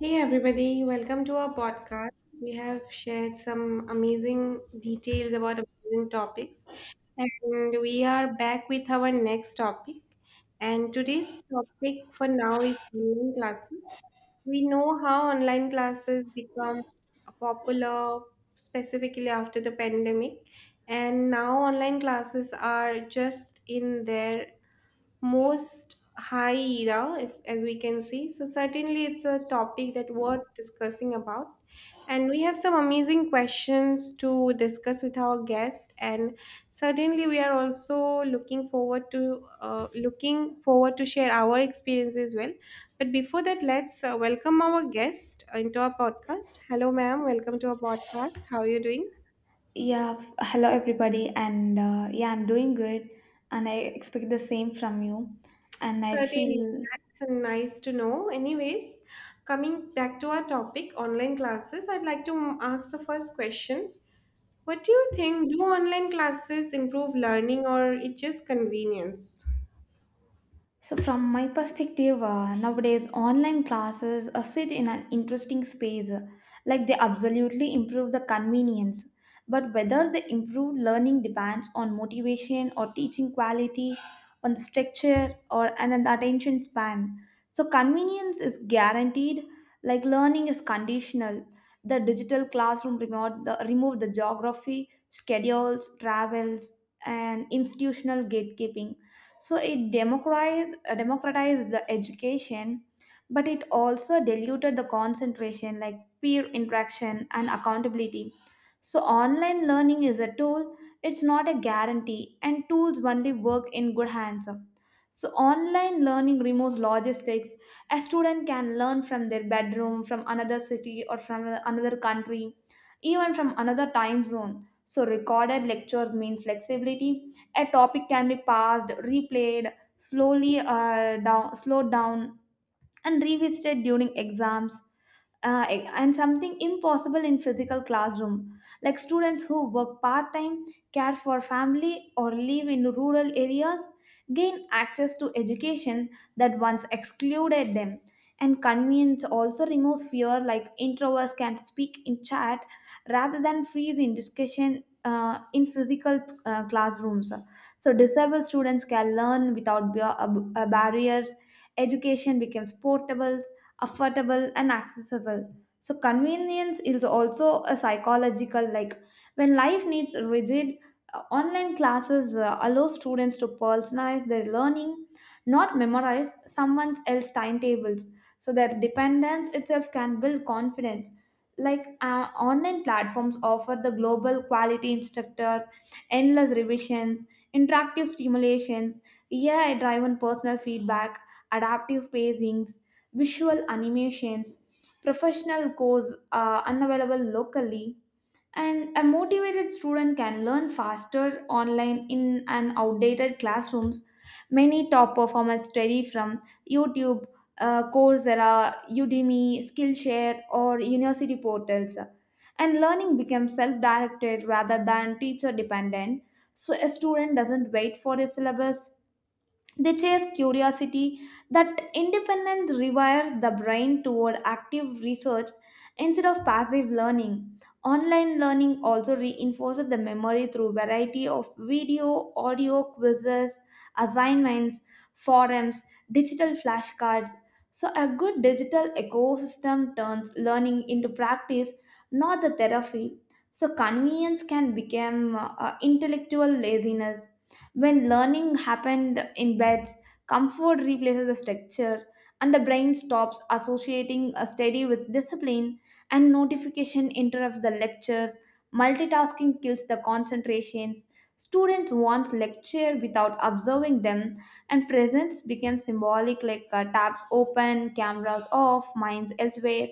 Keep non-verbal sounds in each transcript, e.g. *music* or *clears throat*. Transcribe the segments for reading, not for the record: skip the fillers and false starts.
Hey everybody, welcome to our podcast. We have shared some amazing details about amazing topics, and we are back with our next topic. And today's topic for now is online classes. We know how online classes become popular specifically after the pandemic, and now online classes are just in their most high era, if, as we can see. So certainly, it's a topic that worth discussing about. And we have some amazing questions to discuss with our guest, and certainly we are also looking forward to share our experience as well. But before that, let's welcome our guest into our podcast. Hello, ma'am. Welcome to our podcast. How are you doing? Hello everybody, and yeah, I'm doing good, and I expect the same from you. And I Certainly, feel. that's nice to know. Anyways, coming back to our topic, online classes, I'd like to ask the first question. What do you think? Do online classes improve learning or it's just convenience? From my perspective, nowadays online classes sit in an interesting space. Like they absolutely improve the convenience. But whether the improved learning depends on motivation or teaching quality, on the structure or and on the attention span. So, convenience is guaranteed, like learning is conditional. The digital classroom remove the geography, schedules, travels, and institutional gatekeeping, so it democratized the education, but it also diluted the concentration, like peer interaction and accountability. So online learning is a tool, it's not a guarantee, and tools only work in good hands. So online learning removes logistics. A student can learn from their bedroom, from another city, or from another country, even from another time zone. So recorded lectures mean flexibility. A topic can be passed replayed, slowly down slowed down, and revisited during exams, and something impossible in physical classroom, like students who work part-time, care for family, or live in rural areas gain access to education that once excluded them. And convenience also removes fear, like introverts can speak in chat rather than freeze in discussion in physical classrooms, so disabled students can learn without barriers. Education becomes portable, affordable, and accessible. So convenience is also a psychological, like when life needs rigid, online classes allow students to personalize their learning, not memorize someone else's timetables. So their dependence itself can build confidence. Like online platforms offer the global quality instructors, endless revisions, interactive stimulations, AI-driven personal feedback, adaptive pacings, visual animations, professional course unavailable locally, and a motivated student can learn faster online in an outdated classrooms. Many top performers study from YouTube, Coursera, Udemy, Skillshare, or university portals. And learning becomes self directed rather than teacher dependent. So a student doesn't wait for a syllabus, they chase curiosity. That independence rewires the brain toward active research instead of passive learning. Online learning also reinforces the memory through variety of video, audio, quizzes, assignments, forums, digital flashcards. So a good digital ecosystem turns learning into practice, not the therapy. So convenience can become intellectual laziness. When learning happened in beds, comfort replaces the structure, and the brain stops associating a study with discipline, and notification interrupts the lectures. Multitasking kills the concentrations. Students want lecture without observing them, and presence becomes symbolic, like tabs open, cameras off, minds elsewhere.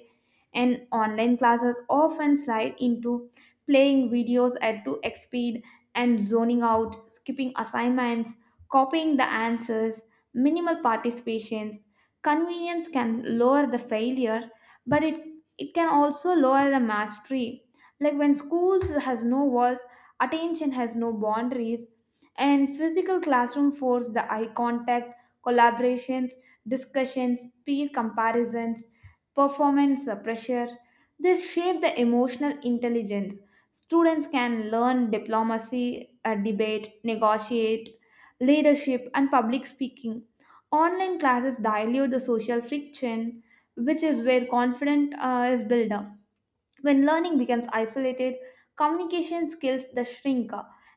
And online classes often slide into playing videos at 2x speed and zoning out, skipping assignments, copying the answers, minimal participations. Convenience can lower the failure, but it can also lower the mastery. Like when schools has no walls, attention has no boundaries, and physical classroom force the eye contact, collaborations, discussions, peer comparisons, performance pressure. This shape the emotional intelligence. Students can learn diplomacy, debate, negotiate, leadership, and public speaking. Online classes dilute the social friction, which is where confidence is built up. When learning becomes isolated, communication skills the shrink,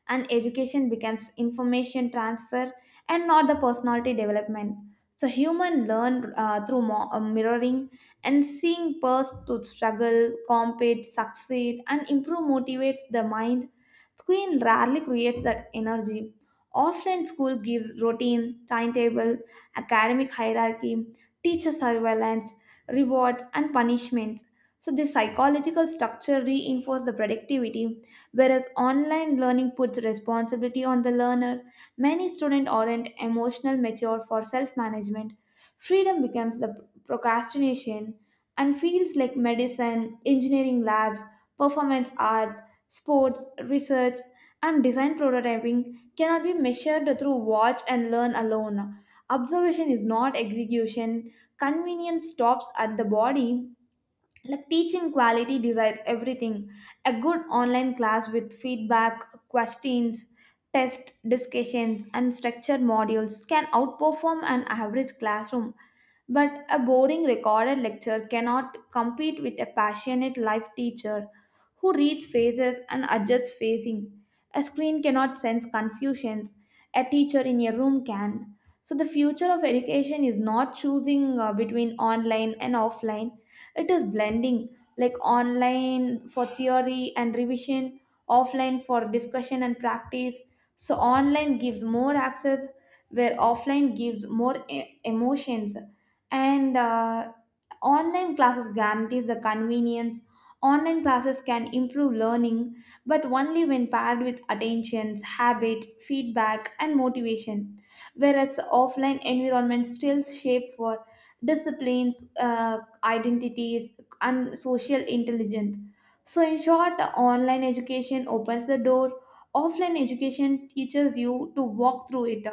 and education becomes information transfer and not the personality development. So human learn through mirroring, and seeing peers to struggle, compete, succeed and improve motivates the mind. Screen rarely creates that energy. Offline school gives routine, timetable, academic hierarchy, teacher surveillance, rewards and punishments, so the psychological structure reinforces the productivity, whereas online learning puts responsibility on the learner. Many students aren't emotional mature for self-management. Freedom becomes the procrastination, and fields like medicine, engineering labs, performance arts, sports, research, and design prototyping cannot be measured through watch and learn alone. Observation is not execution. Convenience stops at the body. Like teaching quality decides everything, a good online class with feedback, questions, test discussions and structured modules can outperform an average classroom, but a boring recorded lecture cannot compete with a passionate live teacher who reads faces and adjusts facing. A screen cannot sense confusions, a teacher in a room can. So the future of education is not choosing between online and offline, it is blending, like online for theory and revision, offline for discussion and practice. So online gives more access, where offline gives more emotions, and online classes guarantees the convenience. Online classes can improve learning, but only when paired with attentions habit feedback and motivation, whereas offline environments still shape for disciplines, identities, and social intelligence. So, in short, online education opens the door, offline education teaches you to walk through it.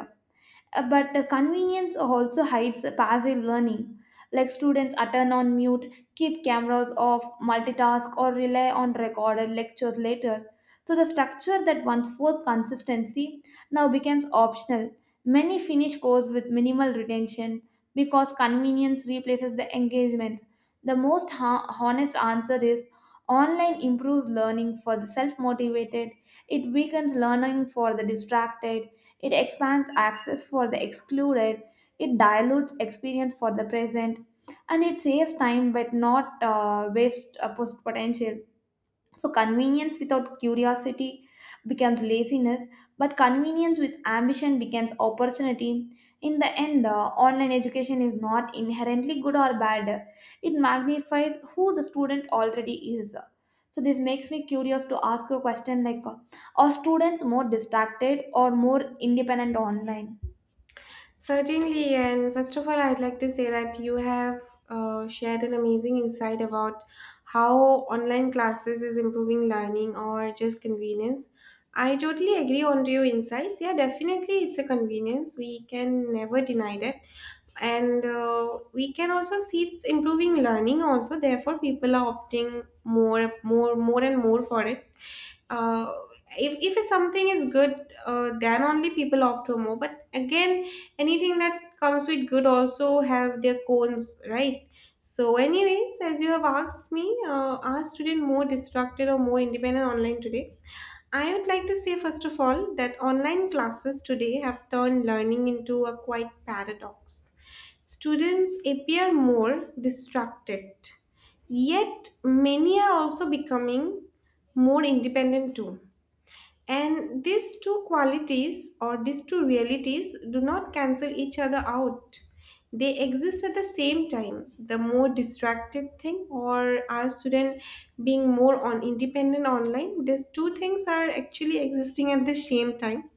But the convenience also hides passive learning, like students attend on mute, keep cameras off, multitask or rely on recorded lectures later. So the structure that once forced consistency now becomes optional. Many finish course with minimal retention because convenience replaces the engagement. The most honest answer is online improves learning for the self-motivated, it weakens learning for the distracted, it expands access for the excluded, it dilutes experience for the present, and it saves time but not potential. So, convenience without curiosity becomes laziness, but convenience with ambition becomes opportunity. In the end, online education is not inherently good or bad, it magnifies who the student already is. So, this makes me curious to ask a question, like are students more distracted or more independent online? Certainly, and first of all, I'd like to say that you have shared an amazing insight about how online classes is improving learning or just convenience. I totally agree on to your insights. Yeah, definitely, it's a convenience. We can never deny that, and we can also see it's improving learning. Also, therefore, people are opting more, more, more, and more for it. Uh, if something is good, then only people opt for more. But again, anything that comes with good also have their cons, right? So anyways, as you have asked me, are students more distracted or more independent online today? I would like to say, first of all, that online classes today have turned learning into a quite paradox. Students appear more distracted, yet many are also becoming more independent too. And these two qualities or these two realities do not cancel each other out. They exist at the same time. The more distracted thing or our student being more on independent online, these two things are actually existing at the same time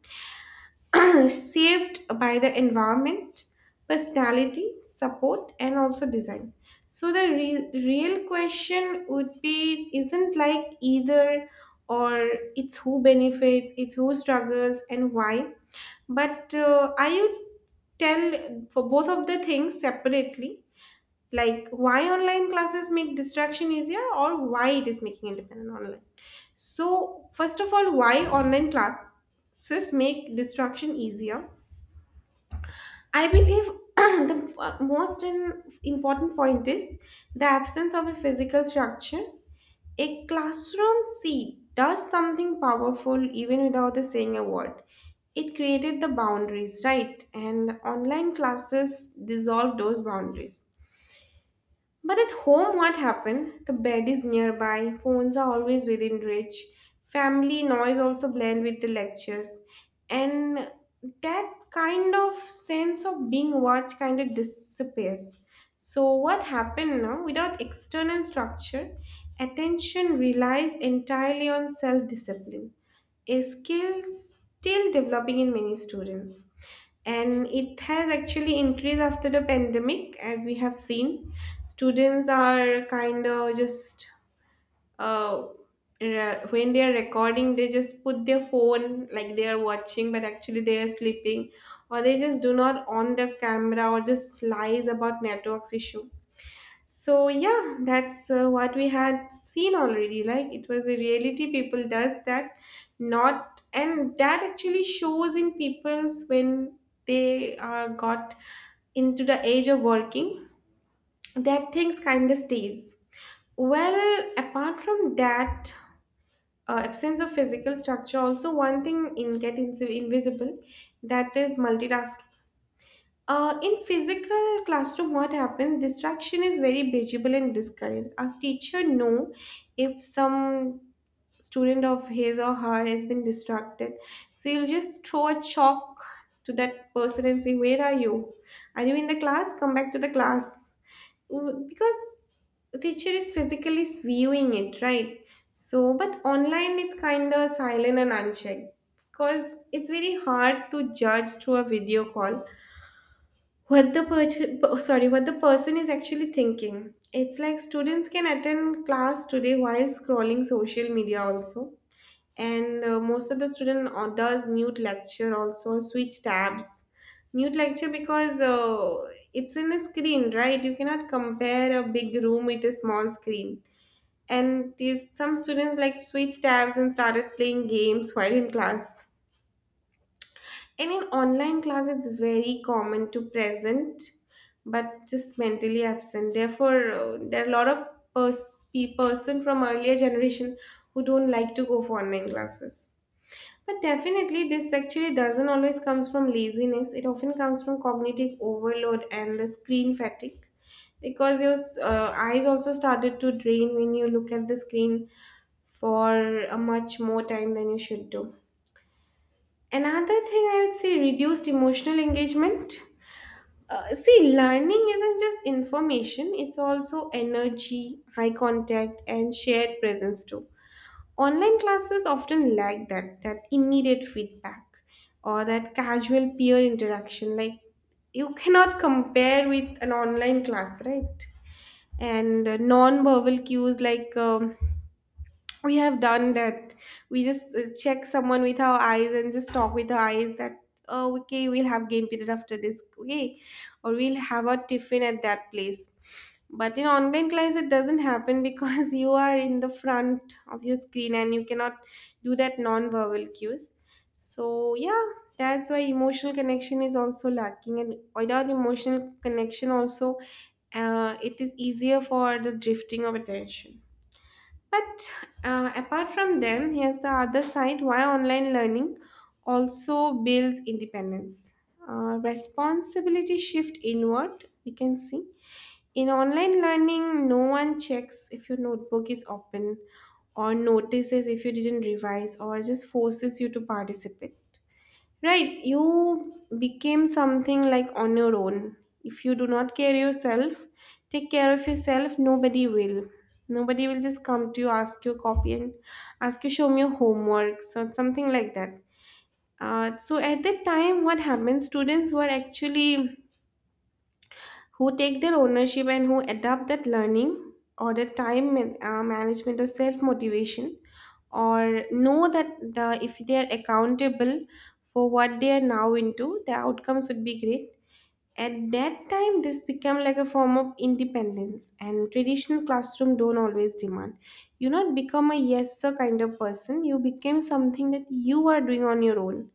*clears throat* saved by the environment, personality, support, and also design. So the real question would be isn't like either or it's who benefits, it's who struggles, and why. But I would tell for both of the things separately, like why online classes make distraction easier or why it is making independent online. So first of all, why online classes make distraction easier? I believe *clears throat* the most important point is the absence of a physical structure. A classroom seat does something powerful even without the saying a word. It created the boundaries, right? And online classes dissolve those boundaries. But at home, what happened? The bed is nearby, phones are always within reach, family noise also blend with the lectures, and that kind of sense of being watched kind of disappears. So, what happened now? Without external structure, attention relies entirely on self discipline, a skill still developing in many students, and it has actually increased after the pandemic. As we have seen, students are kind of just uh, when they are recording, they just put their phone like they are watching but actually they are sleeping, or they just do not on the camera or just lies about networks issue. So yeah, that's what we had seen already. Like it was a reality, people does that, not, and that actually shows in people's when they are got into the age of working, that things kind of stays. Well, apart from that, absence of physical structure, also one thing in get invisible, that is multitasking. In physical classroom, what happens? Distraction is very visible and discouraged. A teacher know if some student of his or her has been distracted, so he'll just throw a chalk to that person and say, "Where are you? Are you in the class? Come back to the class." Because the teacher is physically viewing it, right? So, but online it's kind of silent and unchecked because it's very hard to judge through a video call what the person is actually thinking. It's like students can attend class today while scrolling social media also. And most of the student does mute lecture, also switch tabs. Mute lecture because it's in a screen, right? You cannot compare a big room with a small screen. And some students like switch tabs and started playing games while in class. And in online class, it's very common to present, but just mentally absent. Therefore, there are a lot of person from earlier generation who don't like to go for online classes. But definitely, this actually doesn't always comes from laziness. It often comes from cognitive overload and the screen fatigue, because your eyes also started to drain when you look at the screen for a much more time than you should do. Another thing I would say, reduced emotional engagement. See, learning isn't just information, it's also energy, eye contact, and shared presence too. Online classes often lack that immediate feedback or that casual peer interaction. Like, you cannot compare with an online class, right? And non verbal cues like we have done that, we just check someone with our eyes and just talk with our eyes that, oh okay, we'll have game period after this, okay, or we'll have a tiffin at that place. But in online class it doesn't happen, because *laughs* you are in the front of your screen and you cannot do that non-verbal cues. So yeah, that's why emotional connection is also lacking, and without emotional connection also, it is easier for the drifting of attention. But apart from them, here's the other side why online learning also builds independence. Responsibility shift inward, we can see. In online learning, no one checks if your notebook is open or notices if you didn't revise or just forces you to participate. Right, you became something like on your own. If you do not care yourself, take care of yourself, nobody will. Nobody will just come to you, ask you a copy and ask you show me your homework, so something like that. So at that time, what happened? Students were actually who take their ownership and who adapt that learning or the time management or self motivation, or know that the if they are accountable for what they are now into, the outcomes would be great. At that time this become like a form of independence, and traditional classroom don't always demand. You not become a yes sir kind of person, you became something that you are doing on your own.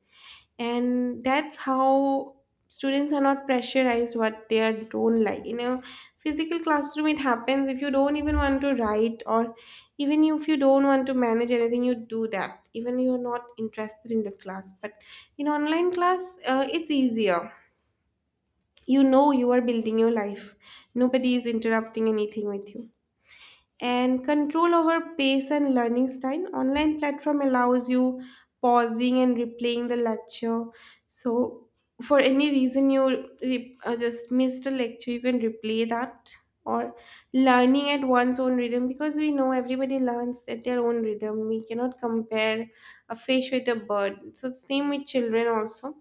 And that's how students are not pressurized what they are don't like. In a physical classroom it happens, if you don't even want to write or even if you don't want to manage anything, you do that even you're not interested in the class. But in online class, it's easier. You are building your life, nobody is interrupting anything with you. And control over pace and learning style. Online platform allows you pausing and replaying the lecture. So for any reason you just missed a lecture, you can replay that, or learning at one's own rhythm, because we know everybody learns at their own rhythm. We cannot compare a fish with a bird. So same with children also,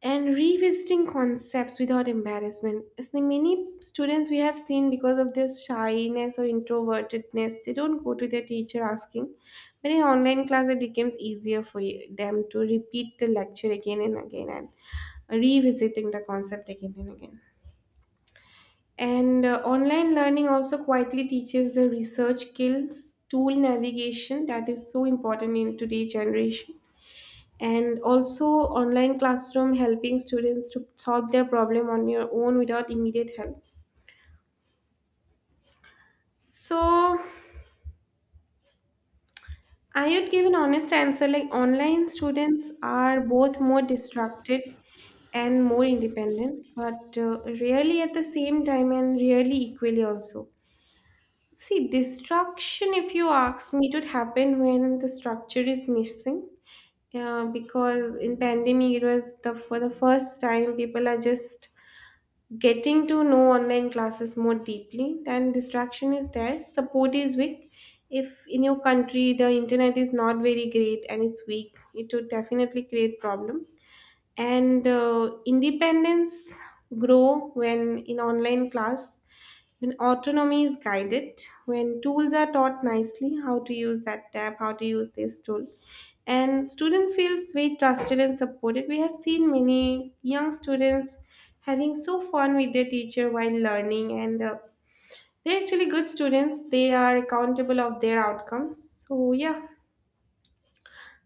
and revisiting concepts without embarrassment. It's like many students we have seen, because of their shyness or introvertedness, they don't go to their teacher asking. But in online class, it becomes easier for them to repeat the lecture again and again, and revisiting the concept again and again. And online learning also quietly teaches the research skills, tool navigation, that is so important in today's generation. And also online classroom helping students to solve their problem on your own without immediate help. So I would give an honest answer, like online students are both more distracted and more independent, but rarely at the same time and rarely equally also. See, distraction, if you ask me, it would happen when the structure is missing. Yeah, because in pandemic it was the for the first time people are just getting to know online classes more deeply, then distraction is there, support is weak. If in your country the internet is not very great and it's weak, it would definitely create problem. And independence grow when in online class, when autonomy is guided, when tools are taught nicely, how to use that tab, how to use this tool, and student feels very trusted and supported. We have seen many young students having so fun with their teacher while learning, and they're actually good students, they are accountable of their outcomes. So yeah.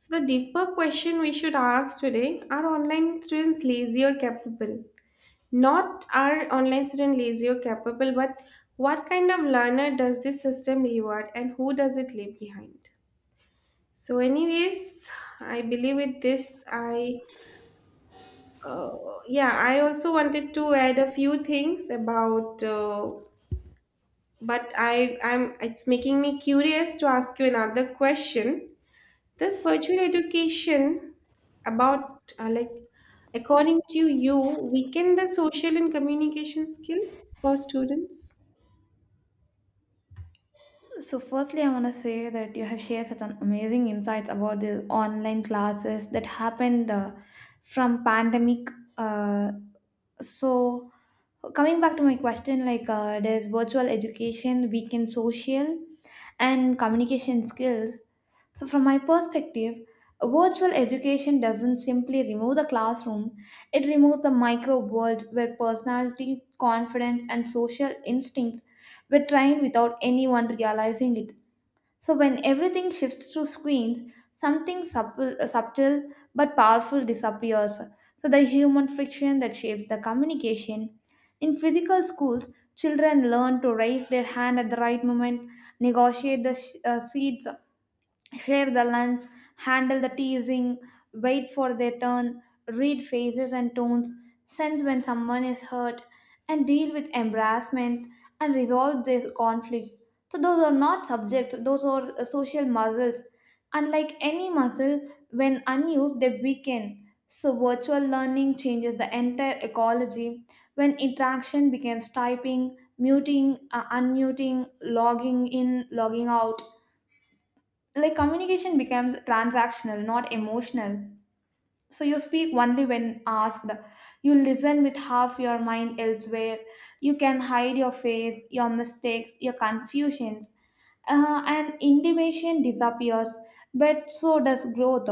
So, the deeper question we should ask today, are online students lazy or capable? Not are online students lazy or capable, but what kind of learner does this system reward and who does it leave behind? So, anyways, I believe with this, I uh, yeah, I also wanted to add a few things about, but I'm it's making me curious to ask you another question. This virtual education, about like, according to you, weaken the social and communication skill for students? So, firstly, I want to say that you have shared such an amazing insights about the online classes that happened from pandemic. Uh, so coming back to my question, like there's virtual education weaken social and communication skills. So from my perspective, virtual education doesn't simply remove the classroom, it removes the micro world where personality confidence and social instincts were trained without anyone realizing it. So, when everything shifts to screens, something subtle but powerful disappears. So, the human friction that shapes the communication. In physical schools, children learn to raise their hand at the right moment, negotiate the seats, share the lunch, handle the teasing, wait for their turn, read faces and tones, sense when someone is hurt, and deal with embarrassment and resolve this conflict. So, those are not subjects, those are social muscles. Unlike any muscle, when unused, they weaken. So, virtual learning changes the entire ecology. When interaction becomes typing, muting, unmuting, logging in, logging out, like communication becomes transactional, not emotional. So you speak only when asked, you listen with half your mind elsewhere, you can hide your face, your mistakes, your confusions, and intimation disappears, but so does growth.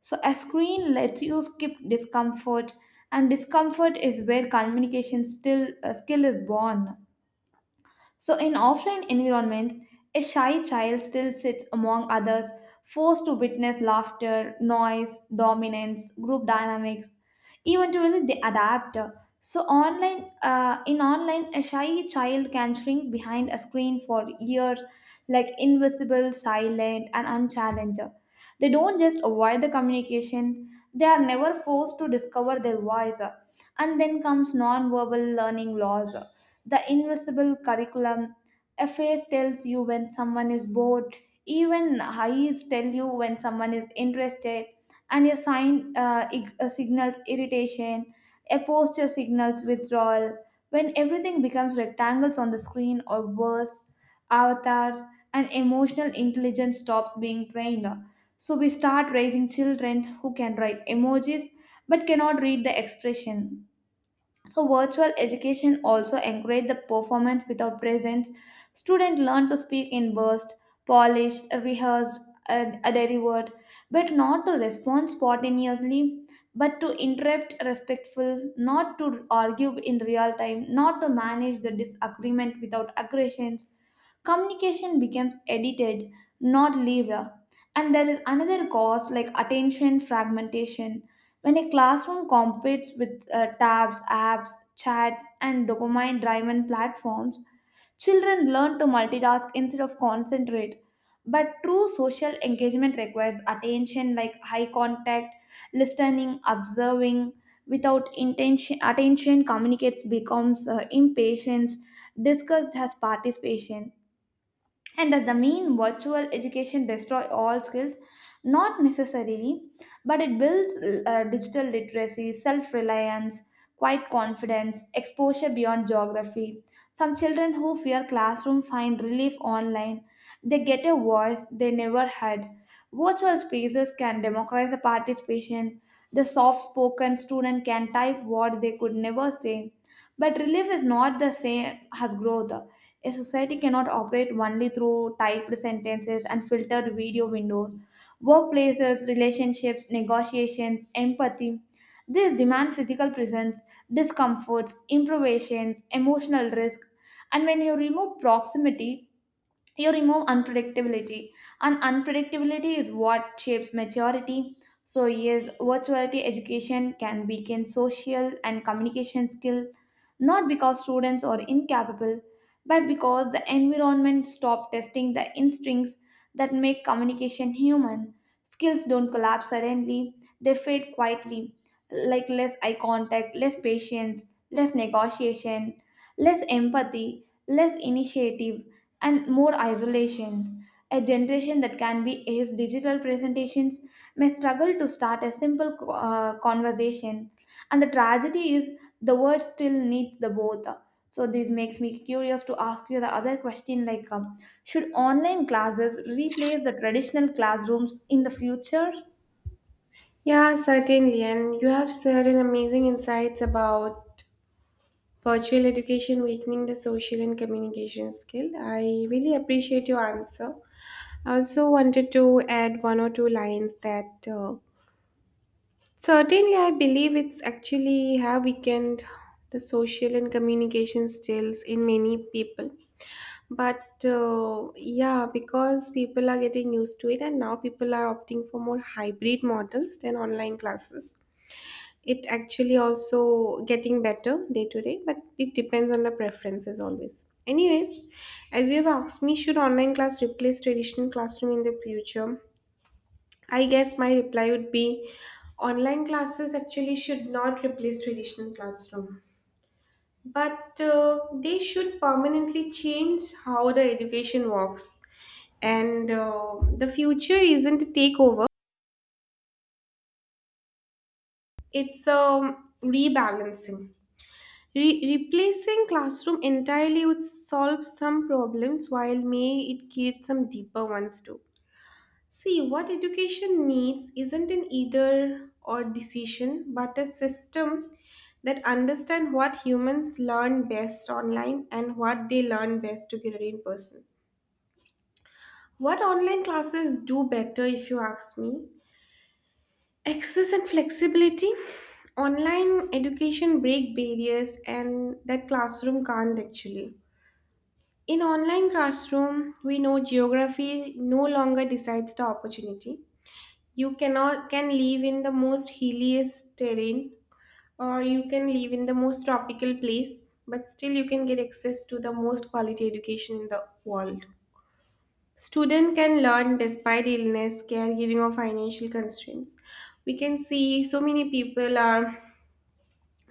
So a screen lets you skip discomfort, and discomfort is where communication still skill is born. So, in offline environments, a shy child still sits among others, forced to witness laughter, noise, dominance, group dynamics. Eventually, they adapt. So, in online, a shy child can shrink behind a screen for years, like invisible, silent, and unchallenged. They don't just avoid the communication; they are never forced to discover their voice. And then comes non-verbal learning laws, the Invisible Curriculum. A face tells you when someone is bored, even eyes tell you when someone is interested, and a signals irritation, a posture signals withdrawal. When everything becomes rectangles on the screen, or worse, avatars, and emotional intelligence stops being trained. So we start raising children who can write emojis but cannot read the expression. So, virtual education also encourage the performance without presence. Students learn to speak in burst, polished, rehearsed, and delivered, but not to respond spontaneously, but to interrupt respectful, not to argue in real time, not to manage the disagreement without aggressions. Communication becomes edited, not lived. And there is another cause like attention fragmentation. When a classroom competes with tabs, apps, chats, and dopamine driven platforms, children learn to multitask instead of concentrate. But true social engagement requires attention, like high contact, listening, observing. Without intention, attention communicates becomes impatience, discussed as participation. And does the mean virtual education destroy all skills? Not necessarily, but it builds digital literacy, self reliance, quiet confidence, exposure beyond geography. Some children who fear classroom find relief online. They get a voice they never had. Virtual spaces can democratize the participation. The soft spoken student can type what they could never say, but relief is not the same as growth. A society cannot operate only through typed sentences and filtered video windows. Workplaces, relationships, negotiations, empathy. These demand physical presence, discomforts, improvisations, emotional risk. And when you remove proximity, you remove unpredictability, and unpredictability is what shapes maturity. So yes, virtuality education can weaken social and communication skill, not because students are incapable, but because the environment stop testing the instincts that make communication human. Skills don't collapse suddenly, they fade quietly, like less eye contact, less patience, less negotiation, less empathy, less initiative, and more isolations. A generation that can be as digital presentations may struggle to start a simple conversation, and the tragedy is the word still needs the both. So this makes me curious to ask you the other question, like should online classes replace the traditional classrooms in the future? Yeah, certainly. And you have certain amazing insights about virtual education weakening the social and communication skill. I really appreciate your answer. I also wanted to add one or two lines that, certainly I believe it's actually have weakened the social and communication skills in many people. But yeah, because people are getting used to it, and now people are opting for more hybrid models than online classes. It actually also getting better day to day, but it depends on the preferences always. Anyways, as you have asked me, should online class replace traditional classroom in the future? I guess my reply would be online classes actually should not replace traditional classroom, but they should permanently change how the education works. And the future isn't a takeover, it's a rebalancing. Replacing classroom entirely would solve some problems while may it create some deeper ones too. See, what education needs isn't an either or decision, but a system that understands what humans learn best online and what they learn best together in person. What online classes do better if you ask me? Access and flexibility. Online education break barriers and that classroom can't actually. In online classroom, we know geography no longer decides the opportunity. You cannot can live in the most hilliest terrain, or you can live in the most tropical place, but still you can get access to the most quality education in the world. Student can learn despite illness, caregiving, or financial constraints. We can see so many people are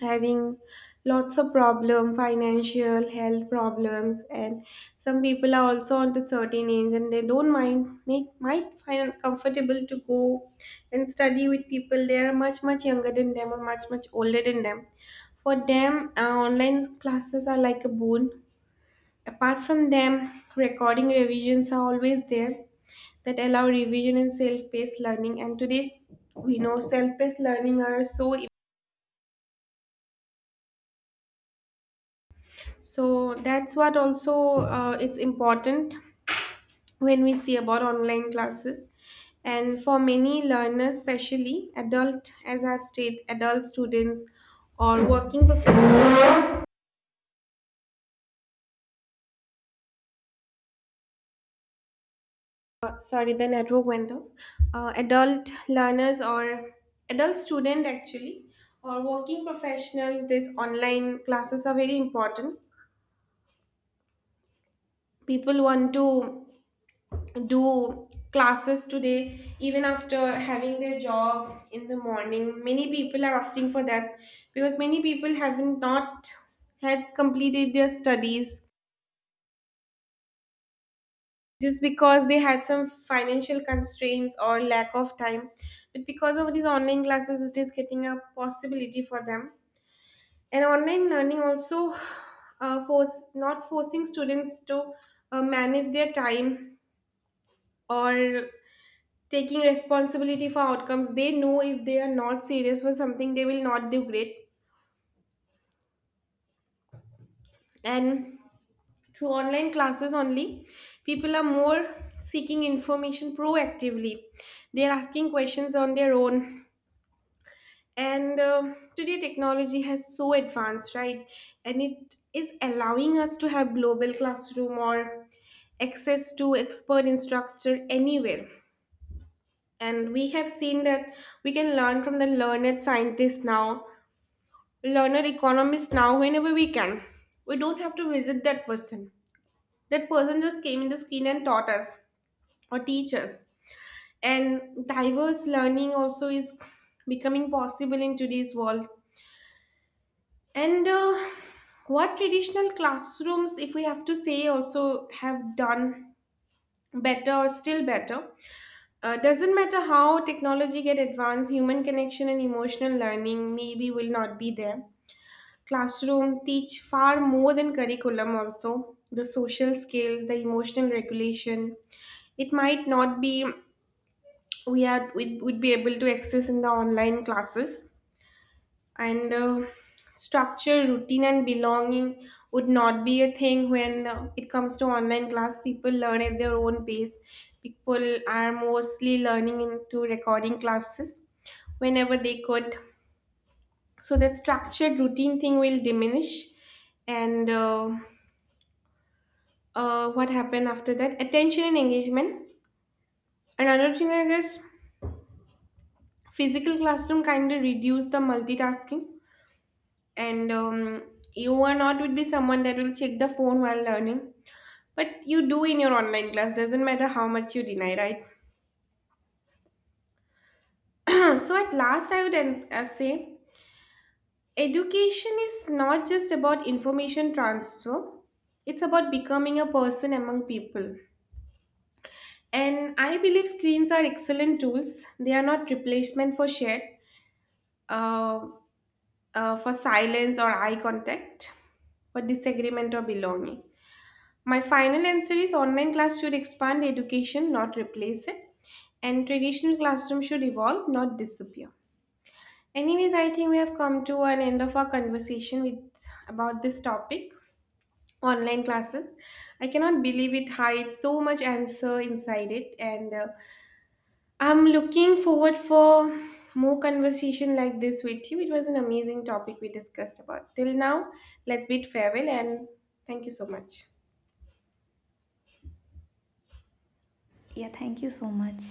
having lots of problem, financial, health problems, and some people are also onto certain age and they don't mind make might find it comfortable to go and study with people they are much much younger than them or much much older than them. For them, online classes are like a boon. Apart from them, recording revisions are always there that allow revision and self-paced learning, and today we know self-paced learning are so, so that's what also, it's important when we see about online classes. And for many learners, especially adult, as I've stated, adult students or working professionals, sorry, the network went off. Adult learners or adult student actually, or working professionals, this online classes are very important. People want to do classes today even after having their job in the morning. Many people are opting for that because many people haven't not had completed their studies just because they had some financial constraints or lack of time. But because of these online classes, it is getting a possibility for them. And online learning also, force, not forcing students to manage their time, or taking responsibility for outcomes. They know if they are not serious for something, they will not do great. And through online classes only, people are more seeking information proactively. They are asking questions on their own. And today technology has so advanced, right? And it is allowing us to have global classroom or access to expert instructor anywhere. And we have seen that we can learn from the learned scientists now, learner economists now, whenever we can. We don't have to visit that person. That person just came in the screen and taught us or teach us. And diverse learning also is becoming possible in today's world. And what traditional classrooms, if we have to say, also have done better or still better? Doesn't matter how technology get advanced, human connection and emotional learning maybe will not be there. Classroom teach far more than curriculum, also the social skills, the emotional regulation. It might not be we are we would be able to access in the online classes. And structure routine and belonging would not be a thing when it comes to online class. People learn at their own pace. People are mostly learning into recording classes whenever they could, so that structured routine thing will diminish. And what happened after that, attention and engagement, another thing I guess. Physical classroom kind of reduce the multitasking. And you are not would be someone that will check the phone while learning, but you do in your online class, doesn't matter how much you deny, right? *clears throat* So at last I would say education is not just about information transfer, it's about becoming a person among people. And I believe screens are excellent tools. They are not replacement for shared, uh, for silence or eye contact, for disagreement or belonging. My final answer is online class should expand education, not replace it. And traditional classroom should evolve, not disappear. Anyways, I think we have come to an end of our conversation with about this topic, online classes. I cannot believe it hides so much answer inside it, and I'm looking forward for more conversation like this with you. It was an amazing topic we discussed about. Till now, let's bid farewell and thank you so much. Yeah, thank you so much.